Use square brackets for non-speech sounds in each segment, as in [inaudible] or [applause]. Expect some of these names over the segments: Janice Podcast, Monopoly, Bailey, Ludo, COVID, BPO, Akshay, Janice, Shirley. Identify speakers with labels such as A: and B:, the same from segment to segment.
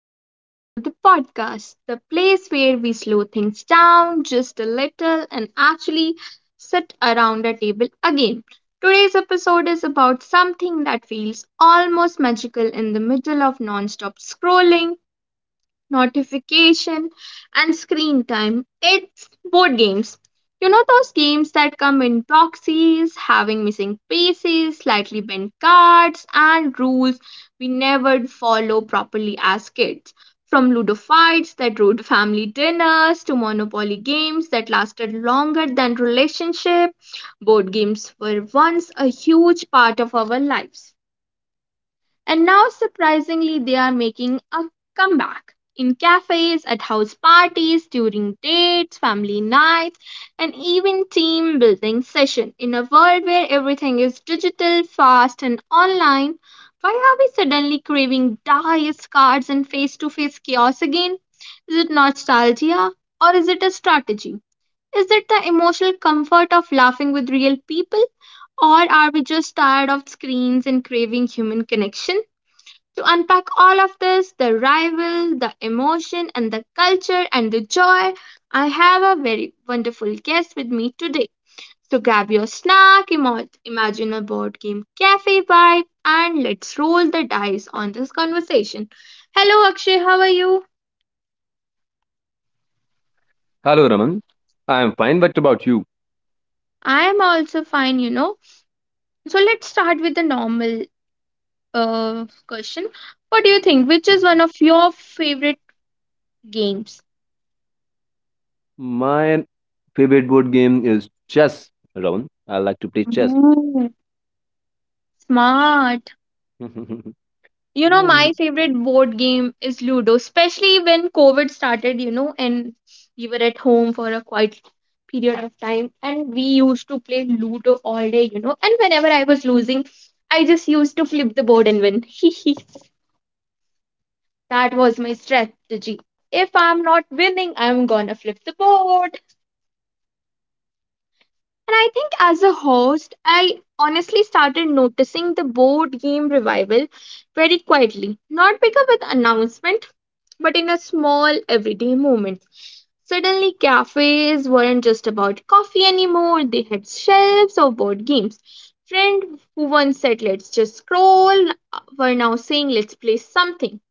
A: welcome back to the podcast, the place where we slow things down just a little and actually sit around a table again. Today's episode is about something that feels almost magical in the middle of non stop scrolling notification and screen time, it's board games. Those games that come in boxes having missing pieces, slightly bent cards, and rules we never follow properly as kids. From Ludo fights that ruined family dinners to Monopoly games that lasted longer than relationship, board games were once a huge part of our lives. And now, surprisingly, they are making a comeback in cafes, at house parties, during dates, family nights, and even team building session. In a world where everything is digital, fast, and online, why are we suddenly craving dice, cards, and face to face chaos again? Is it nostalgia, or is it a strategy? Is it the emotional comfort of laughing with real people? Or are we just tired of screens and craving human connection? To unpack all of this, the rival, the emotion, and the culture and the joy, I have a very wonderful guest with me today. So grab your snack, imagine a board game cafe vibe, and let's roll the dice on this conversation. Hello, Akshay, how are you?
B: Hello, Raman. I am fine. What about you?
A: I am also fine, you know. So let's start with the normal question. What do you think? Which is one of your favorite games?
B: My favorite board game is chess, Raman. I like to play chess.
A: Mm, smart.
B: [laughs]
A: You know,
B: Man, now
A: my favorite board game is Ludo, especially when COVID started, you know, and we were at home for a quite period of time. And we used to play Ludo all day, you know. And whenever I was losing, I just used to flip the board and win. [laughs] That was my strategy. If I'm not winning, I'm gonna flip the board. And I think as a host, I honestly started noticing the board game revival very quietly, not bigger with announcement, but in a small everyday moment. Suddenly, cafes weren't just about coffee anymore, they had shelves of board games. Friend who once said, let's just scroll, were now saying, let's play something.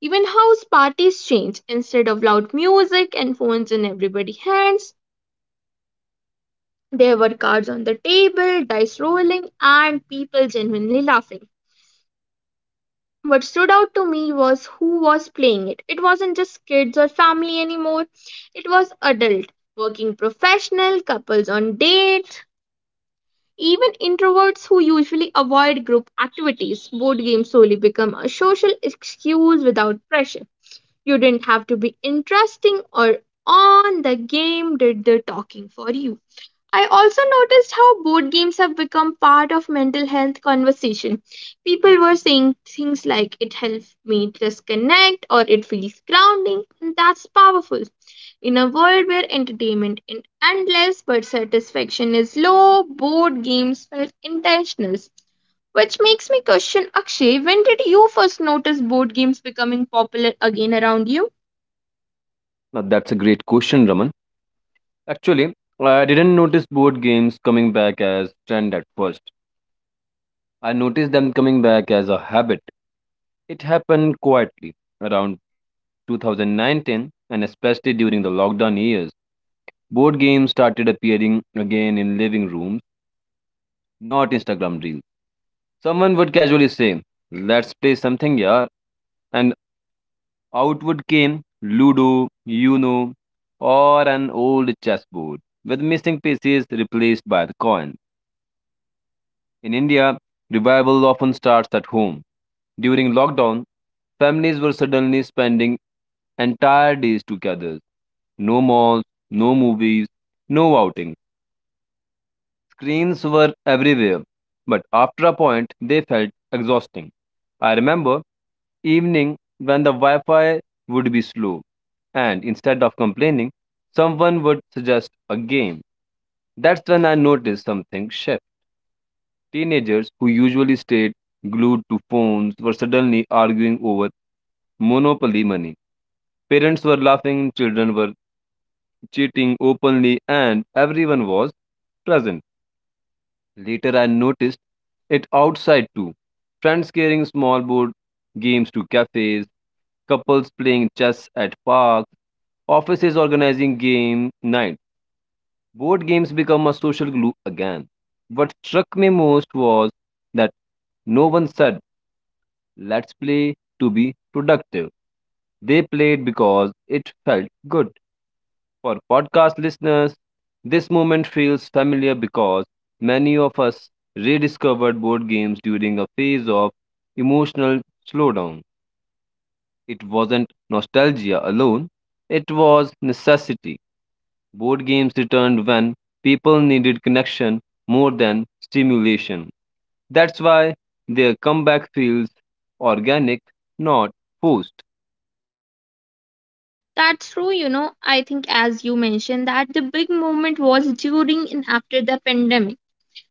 A: Even house parties changed. Instead of loud music and phones in everybody's hands, there were cards on the table, dice rolling, and people genuinely laughing. What stood out to me was who was playing it. It wasn't just kids or family anymore, it was adult, working professional, couples on dates, even introverts who usually avoid group activities. Board games slowly become a social excuse without pressure. You didn't have to be interesting, or on the game did the talking for you. I also noticed how board games have become part of mental health conversation. People were saying things like it helps me disconnect or it feels grounding, and that's powerful. In a world where entertainment is endless but satisfaction is low, board games felt intentional. Which makes me question, Akshay, when did you first notice board games becoming popular again around you?
B: that's a great question, Raman. Actually, I didn't notice board games coming back as trend at first. I noticed them coming back as a habit. It happened quietly around 2019 and especially during the lockdown years. Board games started appearing again in living rooms, not Instagram reels. Someone would casually say, let's play something, yeah. And out would came Ludo, Uno, or an old chessboard, with missing pieces replaced by the coin. In India, revival often starts at home. During lockdown, families were suddenly spending entire days together. No malls, no movies, no outings. Screens were everywhere, but after a point, they felt exhausting. I remember evening when the Wi Fi would be slow, and instead of complaining, someone would suggest a game. That's when I noticed something shift. Teenagers who usually stayed glued to phones were suddenly arguing over monopoly money. Parents were laughing, children were cheating openly, and everyone was present. Later, I noticed it outside too. Friends carrying small board games to cafes, couples playing chess at parks, offices organizing game night. Board games become a social glue again. What struck me most was that no one said, let's play to be productive. They played because it felt good. For podcast listeners, this moment feels familiar because many of us rediscovered board games during a phase of emotional slowdown. It wasn't nostalgia alone, it was necessity. Board games returned when people needed connection more than stimulation. That's why their comeback feels organic, not forced.
A: That's true, you know. I think, as you mentioned, that the big moment was during and after the pandemic.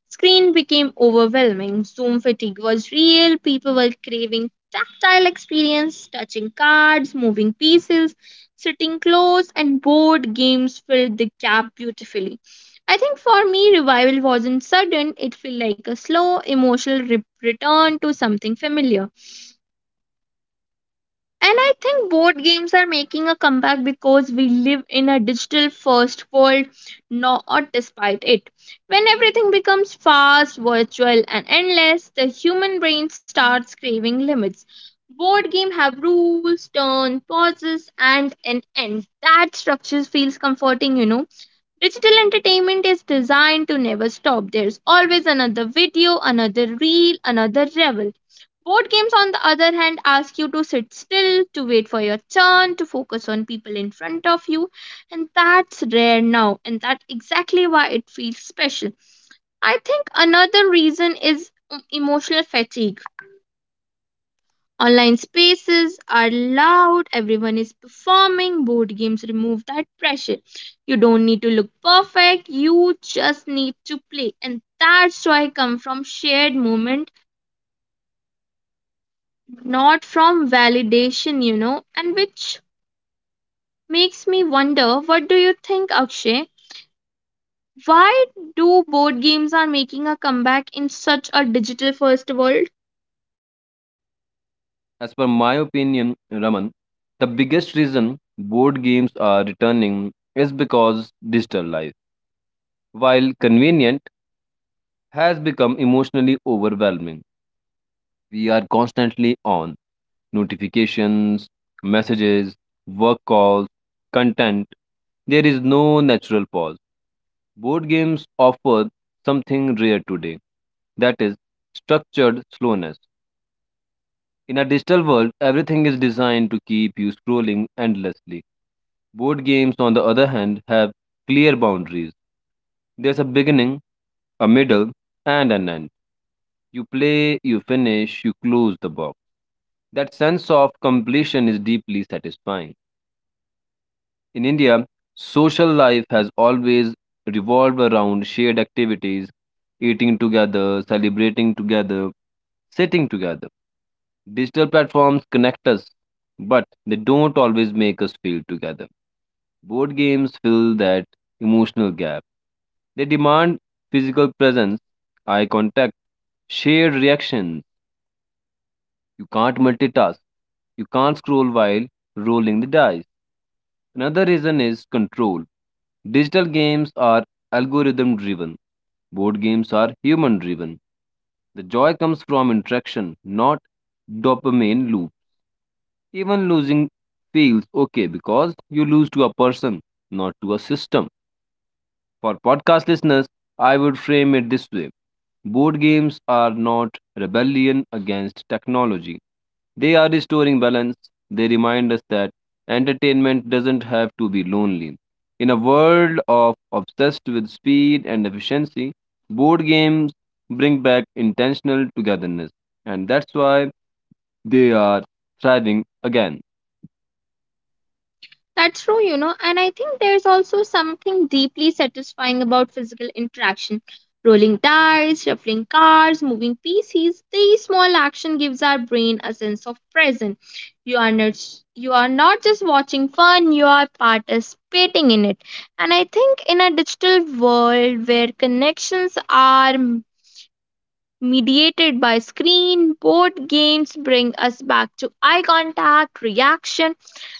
A: Screen became overwhelming, Zoom fatigue was real, people were craving tactile experience, touching cards, moving pieces, sitting close, and board games filled the gap beautifully. I think for me, revival wasn't sudden, it felt like a slow, emotional return to something familiar. And I think board games are making a comeback because we live in a digital first world, not despite it. When everything becomes fast, virtual, and endless, the human brain starts craving limits. Board games have rules, turn, pauses, and an end. That structure feels comforting, you know. Digital entertainment is designed to never stop. There's always another video, another reel, another revel. Board games, on the other hand, ask you to sit still, to wait for your turn, to focus on people in front of you, and that's rare now, and that's exactly why it feels special. I think another reason is emotional fatigue. Online spaces are loud, everyone is performing, board games remove that pressure. You don't need to look perfect, you just need to play. And that joy comes from shared moment, not from validation, you know. And which makes me wonder, what do you think, Akshay? Why do board games are making a comeback in such a digital first world?
B: As per my opinion, Raman, the biggest reason board games are returning is because digital life, while convenient, has become emotionally overwhelming. We are constantly on notifications, messages, work calls, content. There is no natural pause. Board games offer something rare today, that is structured slowness. In a digital world, everything is designed to keep you scrolling endlessly. Board games, on the other hand, have clear boundaries. There's a beginning, a middle, and an end. You play, you finish, you close the box. That sense of completion is deeply satisfying. In India, social life has always revolved around shared activities, eating together, celebrating together, sitting together. Digital platforms connect us, but they don't always make us feel together. Board games fill that emotional gap. They demand physical presence, eye contact, shared reactions. You can't multitask. You can't scroll while rolling the dice. Another reason is control. Digital games are algorithm driven. Board games are human driven. The joy comes from interaction, not dopamine loop. Even losing feels okay because you lose to a person, not to a system. For podcast listeners, I would frame it this way: board games are not rebellion against technology, they are restoring balance. They remind us that entertainment doesn't have to be lonely. In a world of obsessed with speed and efficiency, board games bring back intentional togetherness, and that's why they are thriving again.
A: That's true, you know, and I think there's also something deeply satisfying about physical interaction. Rolling dice, shuffling cards, moving pieces, these small action gives our brain a sense of presence. You are not you are not just watching fun, you are participating in it. And I think in a digital world where connections are mediated by screen, board games bring us back to eye contact, reaction,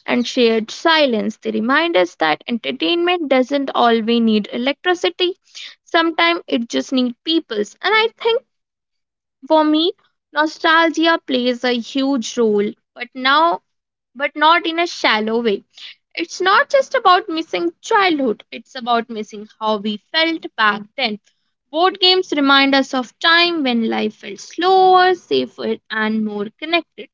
A: and shared silence. They remind us that entertainment doesn't always need electricity. Sometimes it just needs peoples. And I think for me, nostalgia plays a huge role, but not in a shallow way. It's not just about missing childhood, it's about missing how we felt back then. Board games remind us of time when life felt slower, safer, and more connected.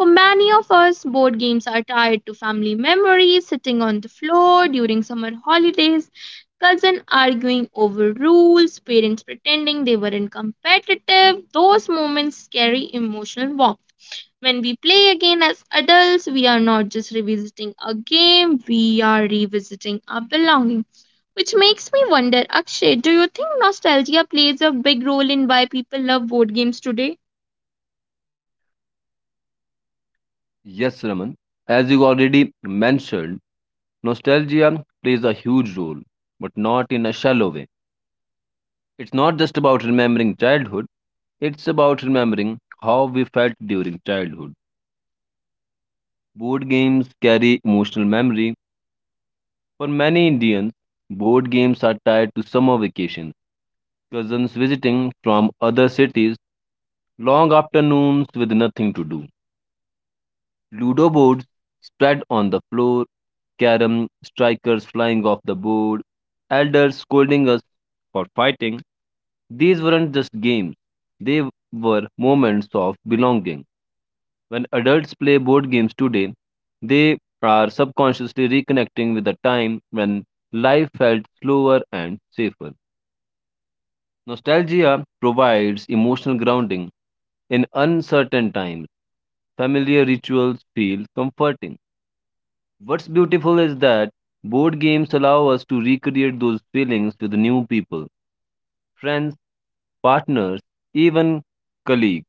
A: For many of us, board games are tied to family memories, sitting on the floor during summer holidays, cousin arguing over rules, parents pretending they weren't competitive. Those moments carry emotional warmth. When we play again as adults, we are not just revisiting a game, we are revisiting our belonging. Which makes me wonder, Akshay, do you think nostalgia plays a big role in why people love board games today?
B: Yes, Raman, as you already mentioned, nostalgia plays a huge role, but not in a shallow way. It's not just about remembering childhood, it's about remembering how we felt during childhood. Board games carry emotional memory. For many Indians, board games are tied to summer vacations, cousins visiting from other cities, long afternoons with nothing to do. Ludo boards spread on the floor, carom strikers flying off the board, elders scolding us for fighting. These weren't just games, they were moments of belonging. When adults play board games today, they are subconsciously reconnecting with a time when life felt slower and safer. Nostalgia provides emotional grounding in uncertain times. Familiar rituals feel comforting. What's beautiful is that board games allow us to recreate those feelings with new people, friends, partners, even colleagues.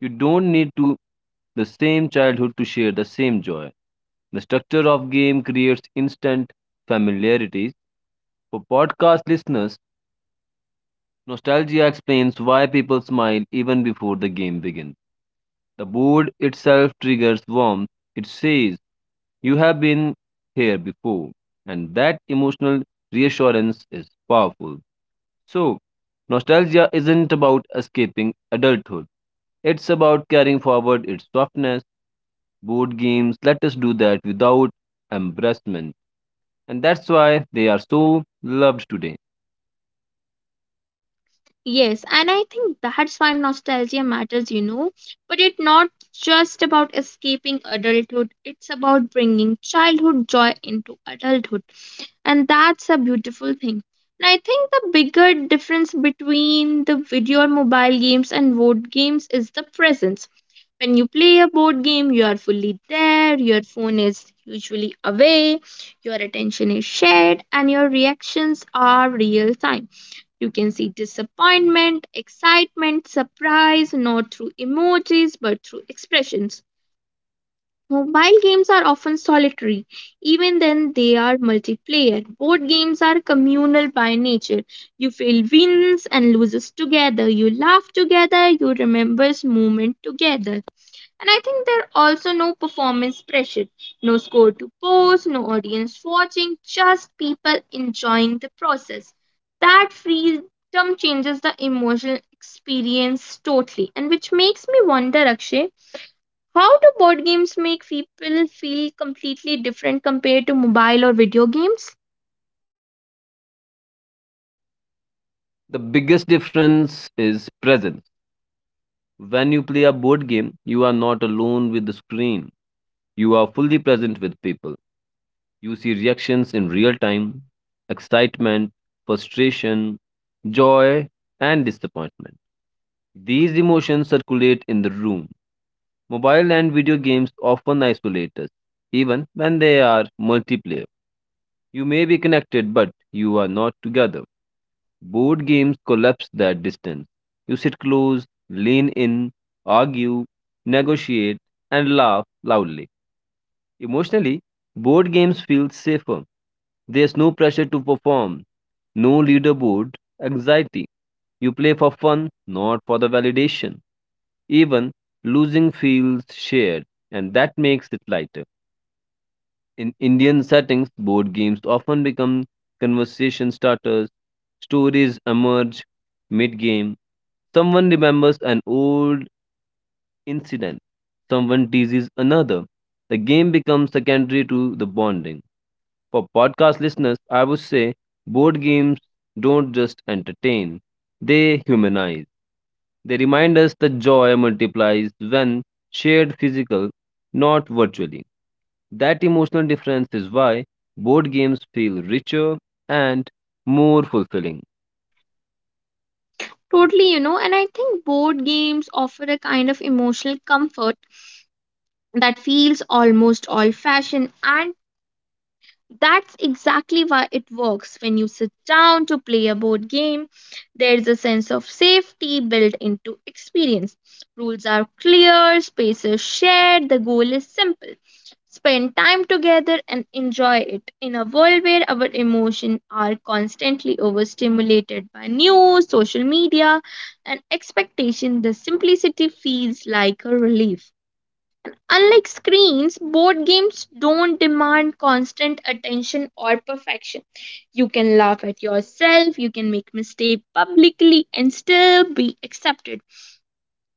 B: You don't need to the same childhood to share the same joy. The structure of game creates instant familiarities. For podcast listeners, nostalgia explains why people smile even before the game begins. The board itself triggers warmth. It says, you have been here before. And that emotional reassurance is powerful. So, nostalgia isn't about escaping adulthood, it's about carrying forward its softness. Board games let us do that without embarrassment, and that's why they are so loved today.
A: Yes, and I think that's why nostalgia matters, you know. But it's not just about escaping adulthood, it's about bringing childhood joy into adulthood, and that's a beautiful thing. And I think the bigger difference between the video or mobile games and board games is the presence. When you play a board game, you are fully there, your phone is usually away, your attention is shared, and your reactions are real time. You can see disappointment, excitement, surprise, not through emojis but through expressions. Mobile games are often solitary. Even then, they are multiplayer. Board games are communal by nature. You feel wins and loses together. You laugh together. You remember moment together. And I think there are also no performance pressure, no score to post, no audience watching, just people enjoying the process. That freedom changes the emotional experience totally, and which makes me wonder, Akshay, how do board games make people feel completely different compared to mobile or video games?
B: The biggest difference is presence. When you play a board game, you are not alone with the screen, you are fully present with people. You see reactions in real time: excitement, frustration, joy, and disappointment. These emotions circulate in the room. Mobile and video games often isolate us, even when they are multiplayer. You may be connected, but you are not together. Board games collapse that distance. You sit close, lean in, argue, negotiate, and laugh loudly. Emotionally, board games feel safer. There's no pressure to perform, no leaderboard, anxiety. You play for fun, not for the validation. Even losing feels shared, and that makes it lighter. In Indian settings, board games often become conversation starters. Stories emerge mid game. Someone remembers an old incident. Someone teases another. The game becomes secondary to the bonding. For podcast listeners, I would say board games don't just entertain, they humanize. They remind us that joy multiplies when shared physical, not virtually. That emotional difference is why board games feel richer and more fulfilling.
A: Totally, you know, and I think board games offer a kind of emotional comfort that feels almost old fashioned, and that's exactly why it works. When you sit down to play a board game, there's a sense of safety built into experience. Rules are clear, spaces shared, the goal is simple. Spend time together and enjoy it. In a world where our emotions are constantly overstimulated by news, social media, and expectation, the simplicity feels like a relief. Unlike screens, board games don't demand constant attention or perfection. You can laugh at yourself, you can make mistakes publicly and still be accepted.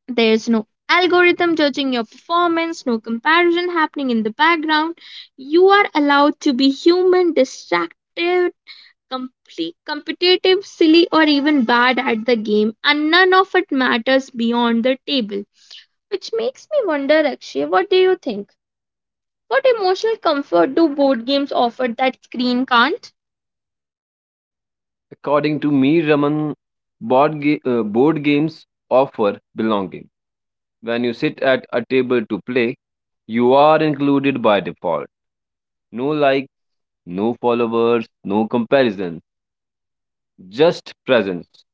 A: There's no algorithm judging your performance, no comparison happening in the background. You are allowed to be human, distracted, complete, competitive, silly, or even bad at the game, and none of it matters beyond the table. Which makes me wonder, Akshay, what do you think? What emotional comfort do board games offer that screen can't?
B: According to me, Raman, board games offer belonging. When you sit at a table to play, you are included by default. No likes, no followers, no comparison, just presence.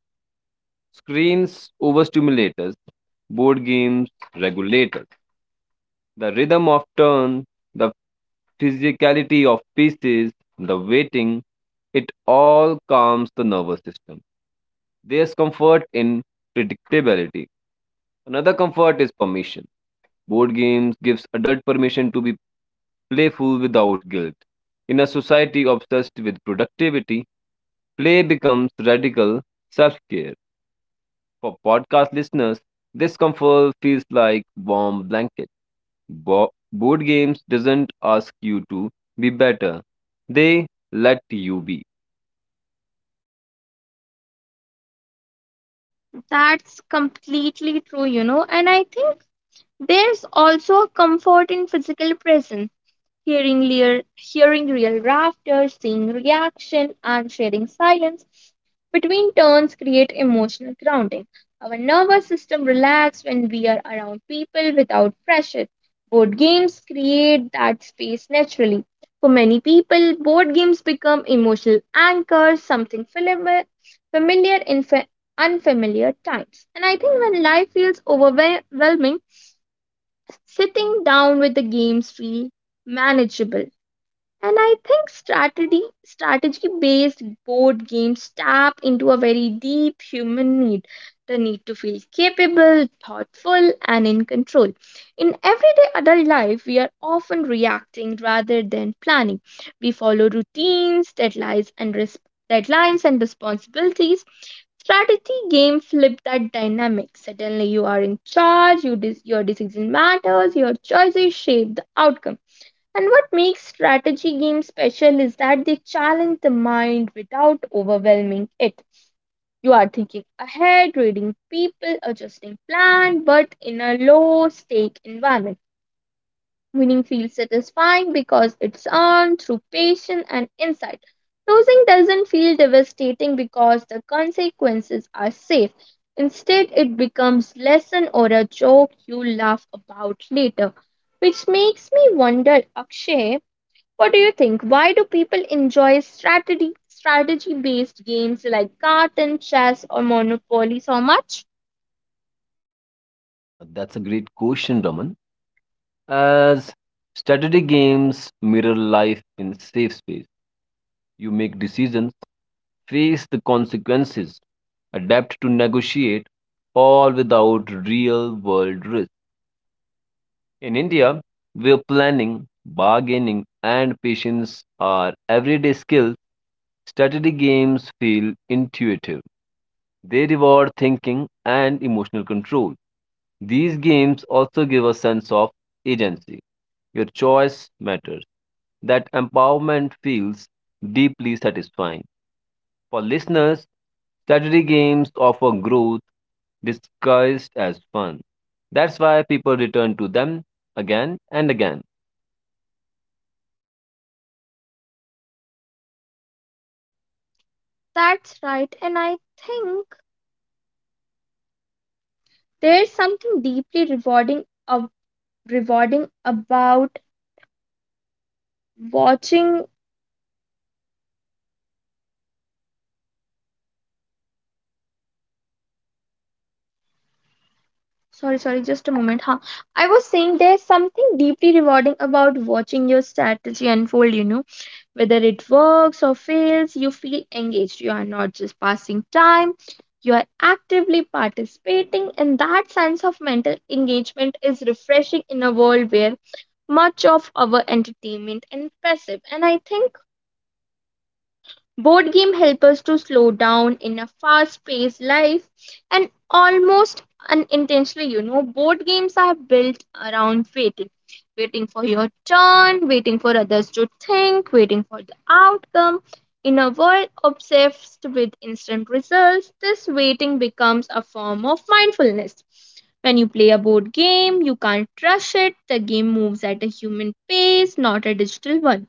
B: Screens overstimulate us, board games regulate us. The rhythm of turn, the physicality of pieces, the waiting, it all calms the nervous system. There's comfort in predictability. Another comfort is permission. Board games gives adult permission to be playful without guilt. In a society obsessed with productivity, play becomes radical self-care. For podcast listeners, this comfort feels like warm blanket. Board games doesn't ask you to be better. They let you be.
A: That's completely true, you know. And I think there's also a comfort in physical presence, hearing real laughter, seeing reaction, and sharing silence between turns create emotional grounding. Our nervous system relax when we are around people without pressure. Board games create that space naturally. For many people, board games become emotional anchors, something familiar, familiar in fa- unfamiliar times. And I think when life feels overwhelming, sitting down with the games feel manageable. And I think strategy based board games tap into a very deep human need, the need to feel capable, thoughtful, and in control. In everyday adult life, we are often reacting rather than planning. We follow routines, deadlines, and deadlines and responsibilities. Strategy game flip that dynamic. Suddenly you are in charge, your decision matters, your choices shape the outcome, and what makes strategy games special is that they challenge the mind without overwhelming it. You are thinking ahead, reading people, adjusting plan, but in a low stake environment. Winning feels satisfying because it's earned through patience and insight. Losing doesn't feel devastating because the consequences are safe. Instead, it becomes lesson or a joke you laugh about later. Which makes me wonder, Akshay, what do you think? Why do people enjoy strategy based games like cards, chess, or monopoly so much?
B: Now, that's a great question, Raman. As strategy games mirror life in safe space. You make decisions, face the consequences, adapt to negotiate, all without real world risk. In India, where planning, bargaining, and patience are everyday skills, strategy games feel intuitive. They reward thinking and emotional control. These games also give a sense of agency. Your choice matters. That empowerment feels deeply satisfying. For listeners, strategy games offer growth disguised as fun. That's why people return to them again and again.
A: That's right, and I think there's something deeply rewarding about watching sorry sorry just a moment huh I was saying there's something deeply rewarding about watching your strategy unfold. Whether it works or fails, you feel engaged. You are not just passing time, you are actively participating, and that sense of mental engagement is refreshing in a world where much of our entertainment is passive. And I think board games help us to slow down in a fast-paced life and almost unintentionally, board games are built around waiting. Waiting for your turn, waiting for others to think, waiting for the outcome. In a world obsessed with instant results, this waiting becomes a form of mindfulness. When you play a board game, you can't rush it. The game moves at a human pace, not a digital one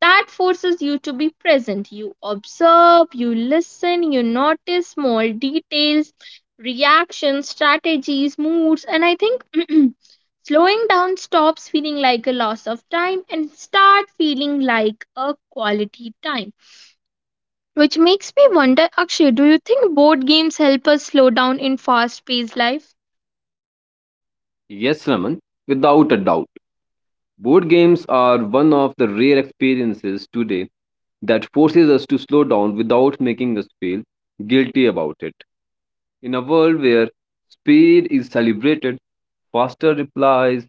A: that forces you to be present. You observe, you listen, you notice small details, reactions, strategies, moods, and I think [clears throat] slowing down stops feeling like a loss of time and start feeling like a quality time. Which makes me wonder, Akshay, do you think board games help us slow down in fast paced life?
B: Yes, Raman, without a doubt. Board games are one of the rare experiences today that forces us to slow down without making us feel guilty about it. In a world where speed is celebrated, faster replies,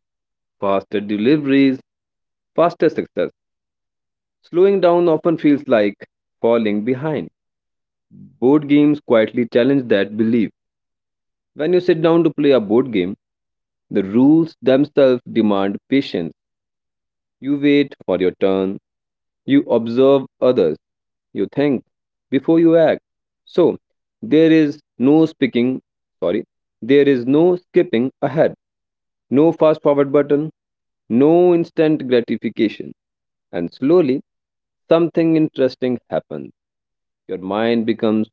B: faster deliveries, faster success, slowing down often feels like falling behind. Board games quietly challenge that belief. When you sit down to play a board game, the rules themselves demand patience. You wait for your turn. You observe others. You think before you act. So, there is no speaking, sorry, there is no skipping ahead, no fast forward button, no instant gratification. And slowly, something interesting happens. Your mind becomes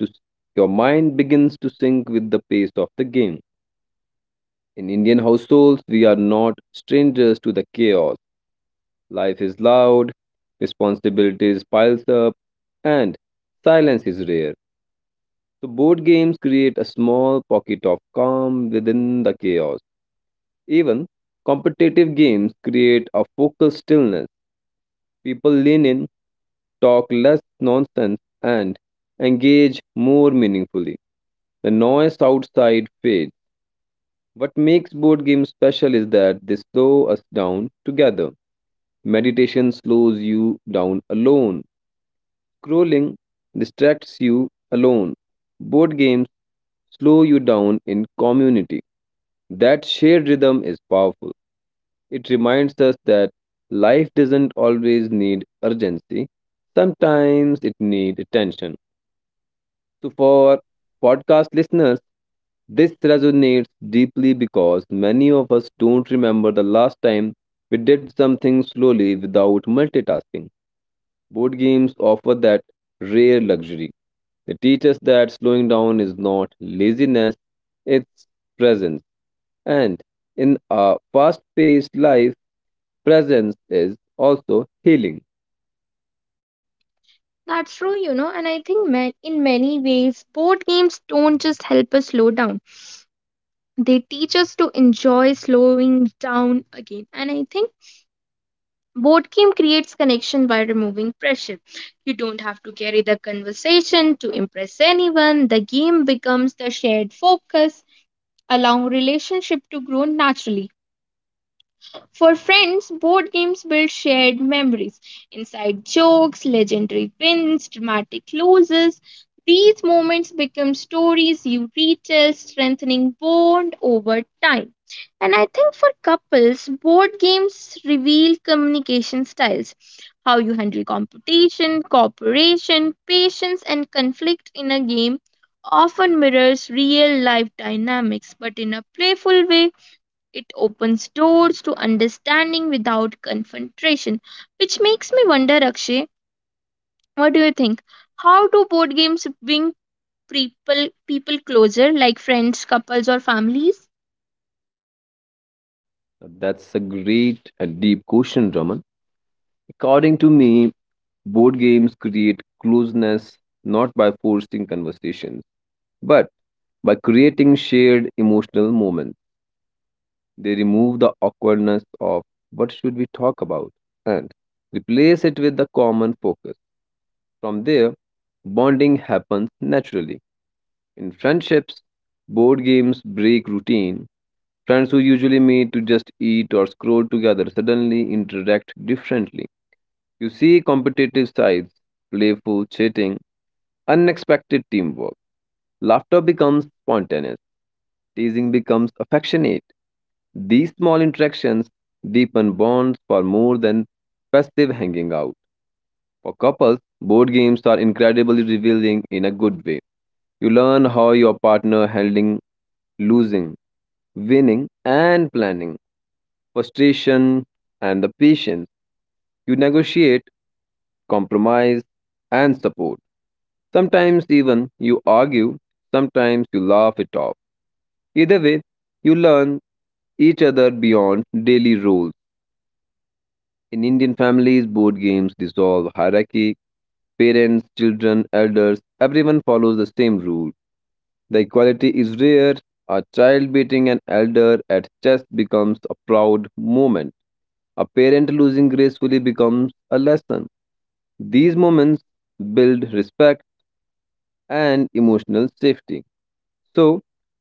B: to your mind begins to sync with the pace of the game. In Indian households, we are not strangers to the chaos. Life is loud, responsibilities piles up, and silence is rare. So board games create a small pocket of calm within the chaos. Even competitive games create a focal stillness. People lean in, talk less nonsense, and engage more meaningfully. The noise outside fades. What makes board games special is that they slow us down together. Meditation slows you down alone. Scrolling distracts you alone. Board games slow you down in community. That shared rhythm is powerful. It reminds us that life doesn't always need urgency. Sometimes it needs attention. So for podcast listeners, this resonates deeply because many of us don't remember the last time we did something slowly without multitasking. Board games offer that rare luxury. They teach us that slowing down is not laziness, it's presence. And in a fast paced life, presence is also healing.
A: That's true, you know, and I think in many ways, board games don't just help us slow down. They teach us to enjoy slowing down again. And I think board game creates connection by removing pressure. You don't have to carry the conversation to impress anyone. The game becomes the shared focus, allowing relationship to grow naturally. For friends, board games build shared memories, inside jokes, legendary wins, dramatic losses. These moments become stories you retell, strengthening bond over time. And I think for couples, board games reveal communication styles, how you handle competition, cooperation, patience, and conflict in a game often mirrors real life dynamics but in a playful way it opens doors to understanding without confrontation, which makes me wonder, Akshay, what do you think? How do board games bring people closer, like friends, couples, or families?
B: That's a great and deep question, Raman. According to me, board games create closeness not by forcing conversations, but by creating shared emotional moments. They remove the awkwardness of what should we talk about, and replace it with the common focus. From there, bonding happens naturally. In friendships, board games break routine. Friends who usually meet to just eat or scroll together suddenly interact differently. You see competitive sides, playful chatting, unexpected teamwork. Laughter becomes spontaneous, teasing becomes affectionate. These small interactions deepen bonds far more than festive hanging out. For couples, board games are incredibly revealing in a good way. You learn how your partner handling losing, winning, and planning, frustration, and the patience. You negotiate compromise, and support. Sometimes even you argue, sometimes you laugh it off. Either way, you learn each other beyond daily roles. In Indian families, board games dissolve hierarchy. Parents, children, elders, everyone follows the same rule. The equality is rare. A child beating an elder at chess becomes a proud moment. A parent losing gracefully becomes a lesson. These moments build respect and emotional safety. So,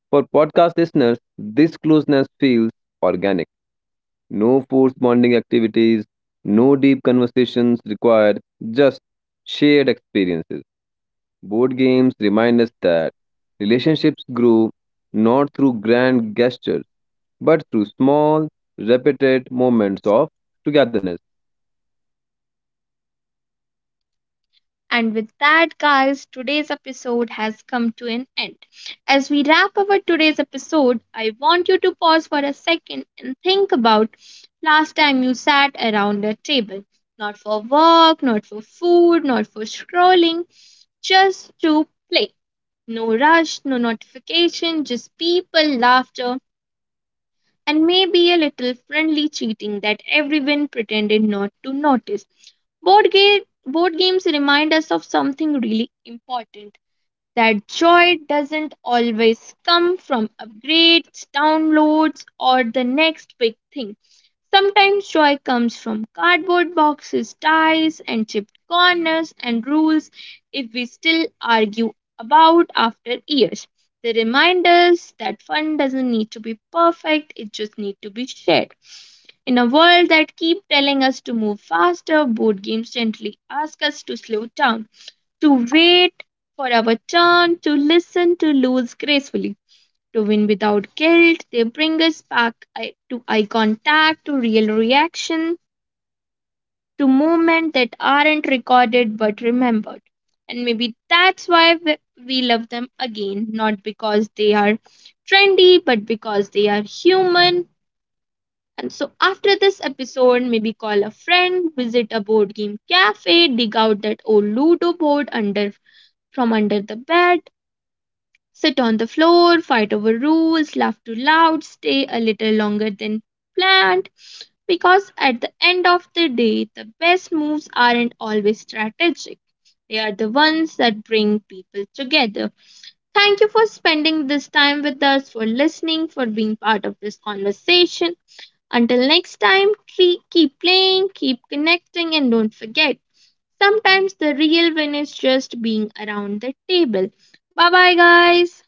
B: for podcast listeners, this closeness feels organic. No forced bonding activities, no deep conversations required, just shared experiences. Board games remind us that relationships grow not through grand gestures, but through small, repeated moments of togetherness.
A: And with that, guys, today's episode has come to an end. As we wrap up today's episode, I want you to pause for a second and think about last time you sat around a table. Not for work, not for food, not for scrolling, just to play. No rush, no notification, just people, laughter, and maybe a little friendly cheating that everyone pretended not to notice. Board games remind us of something really important that joy doesn't always come from upgrades, downloads, or the next big thing. Sometimes joy comes from cardboard boxes, ties, and chipped corners and rules if we still argue about after years. They remind us that fun doesn't need to be perfect, it just needs to be shared. In a world that keeps telling us to move faster, board games gently ask us to slow down to wait for our turn, to listen, to lose gracefully, to win without guilt. They bring us back to eye contact, to real reaction, to moments that aren't recorded but remembered. And maybe that's why we love them again, not because they are trendy, but because they are human. And so, after this episode, maybe call a friend, visit a board game cafe, dig out that old Ludo board under from under the bed, sit on the floor, fight over rules, laugh too loud, stay a little longer than planned. Because at the end of the day, the best moves aren't always strategic. They are the ones that bring people together. Thank you for spending this time with us, for listening, for being part of this conversation. Until next time, keep playing, keep connecting, and don't forget sometimes the real win is just being around the table. Bye bye, guys.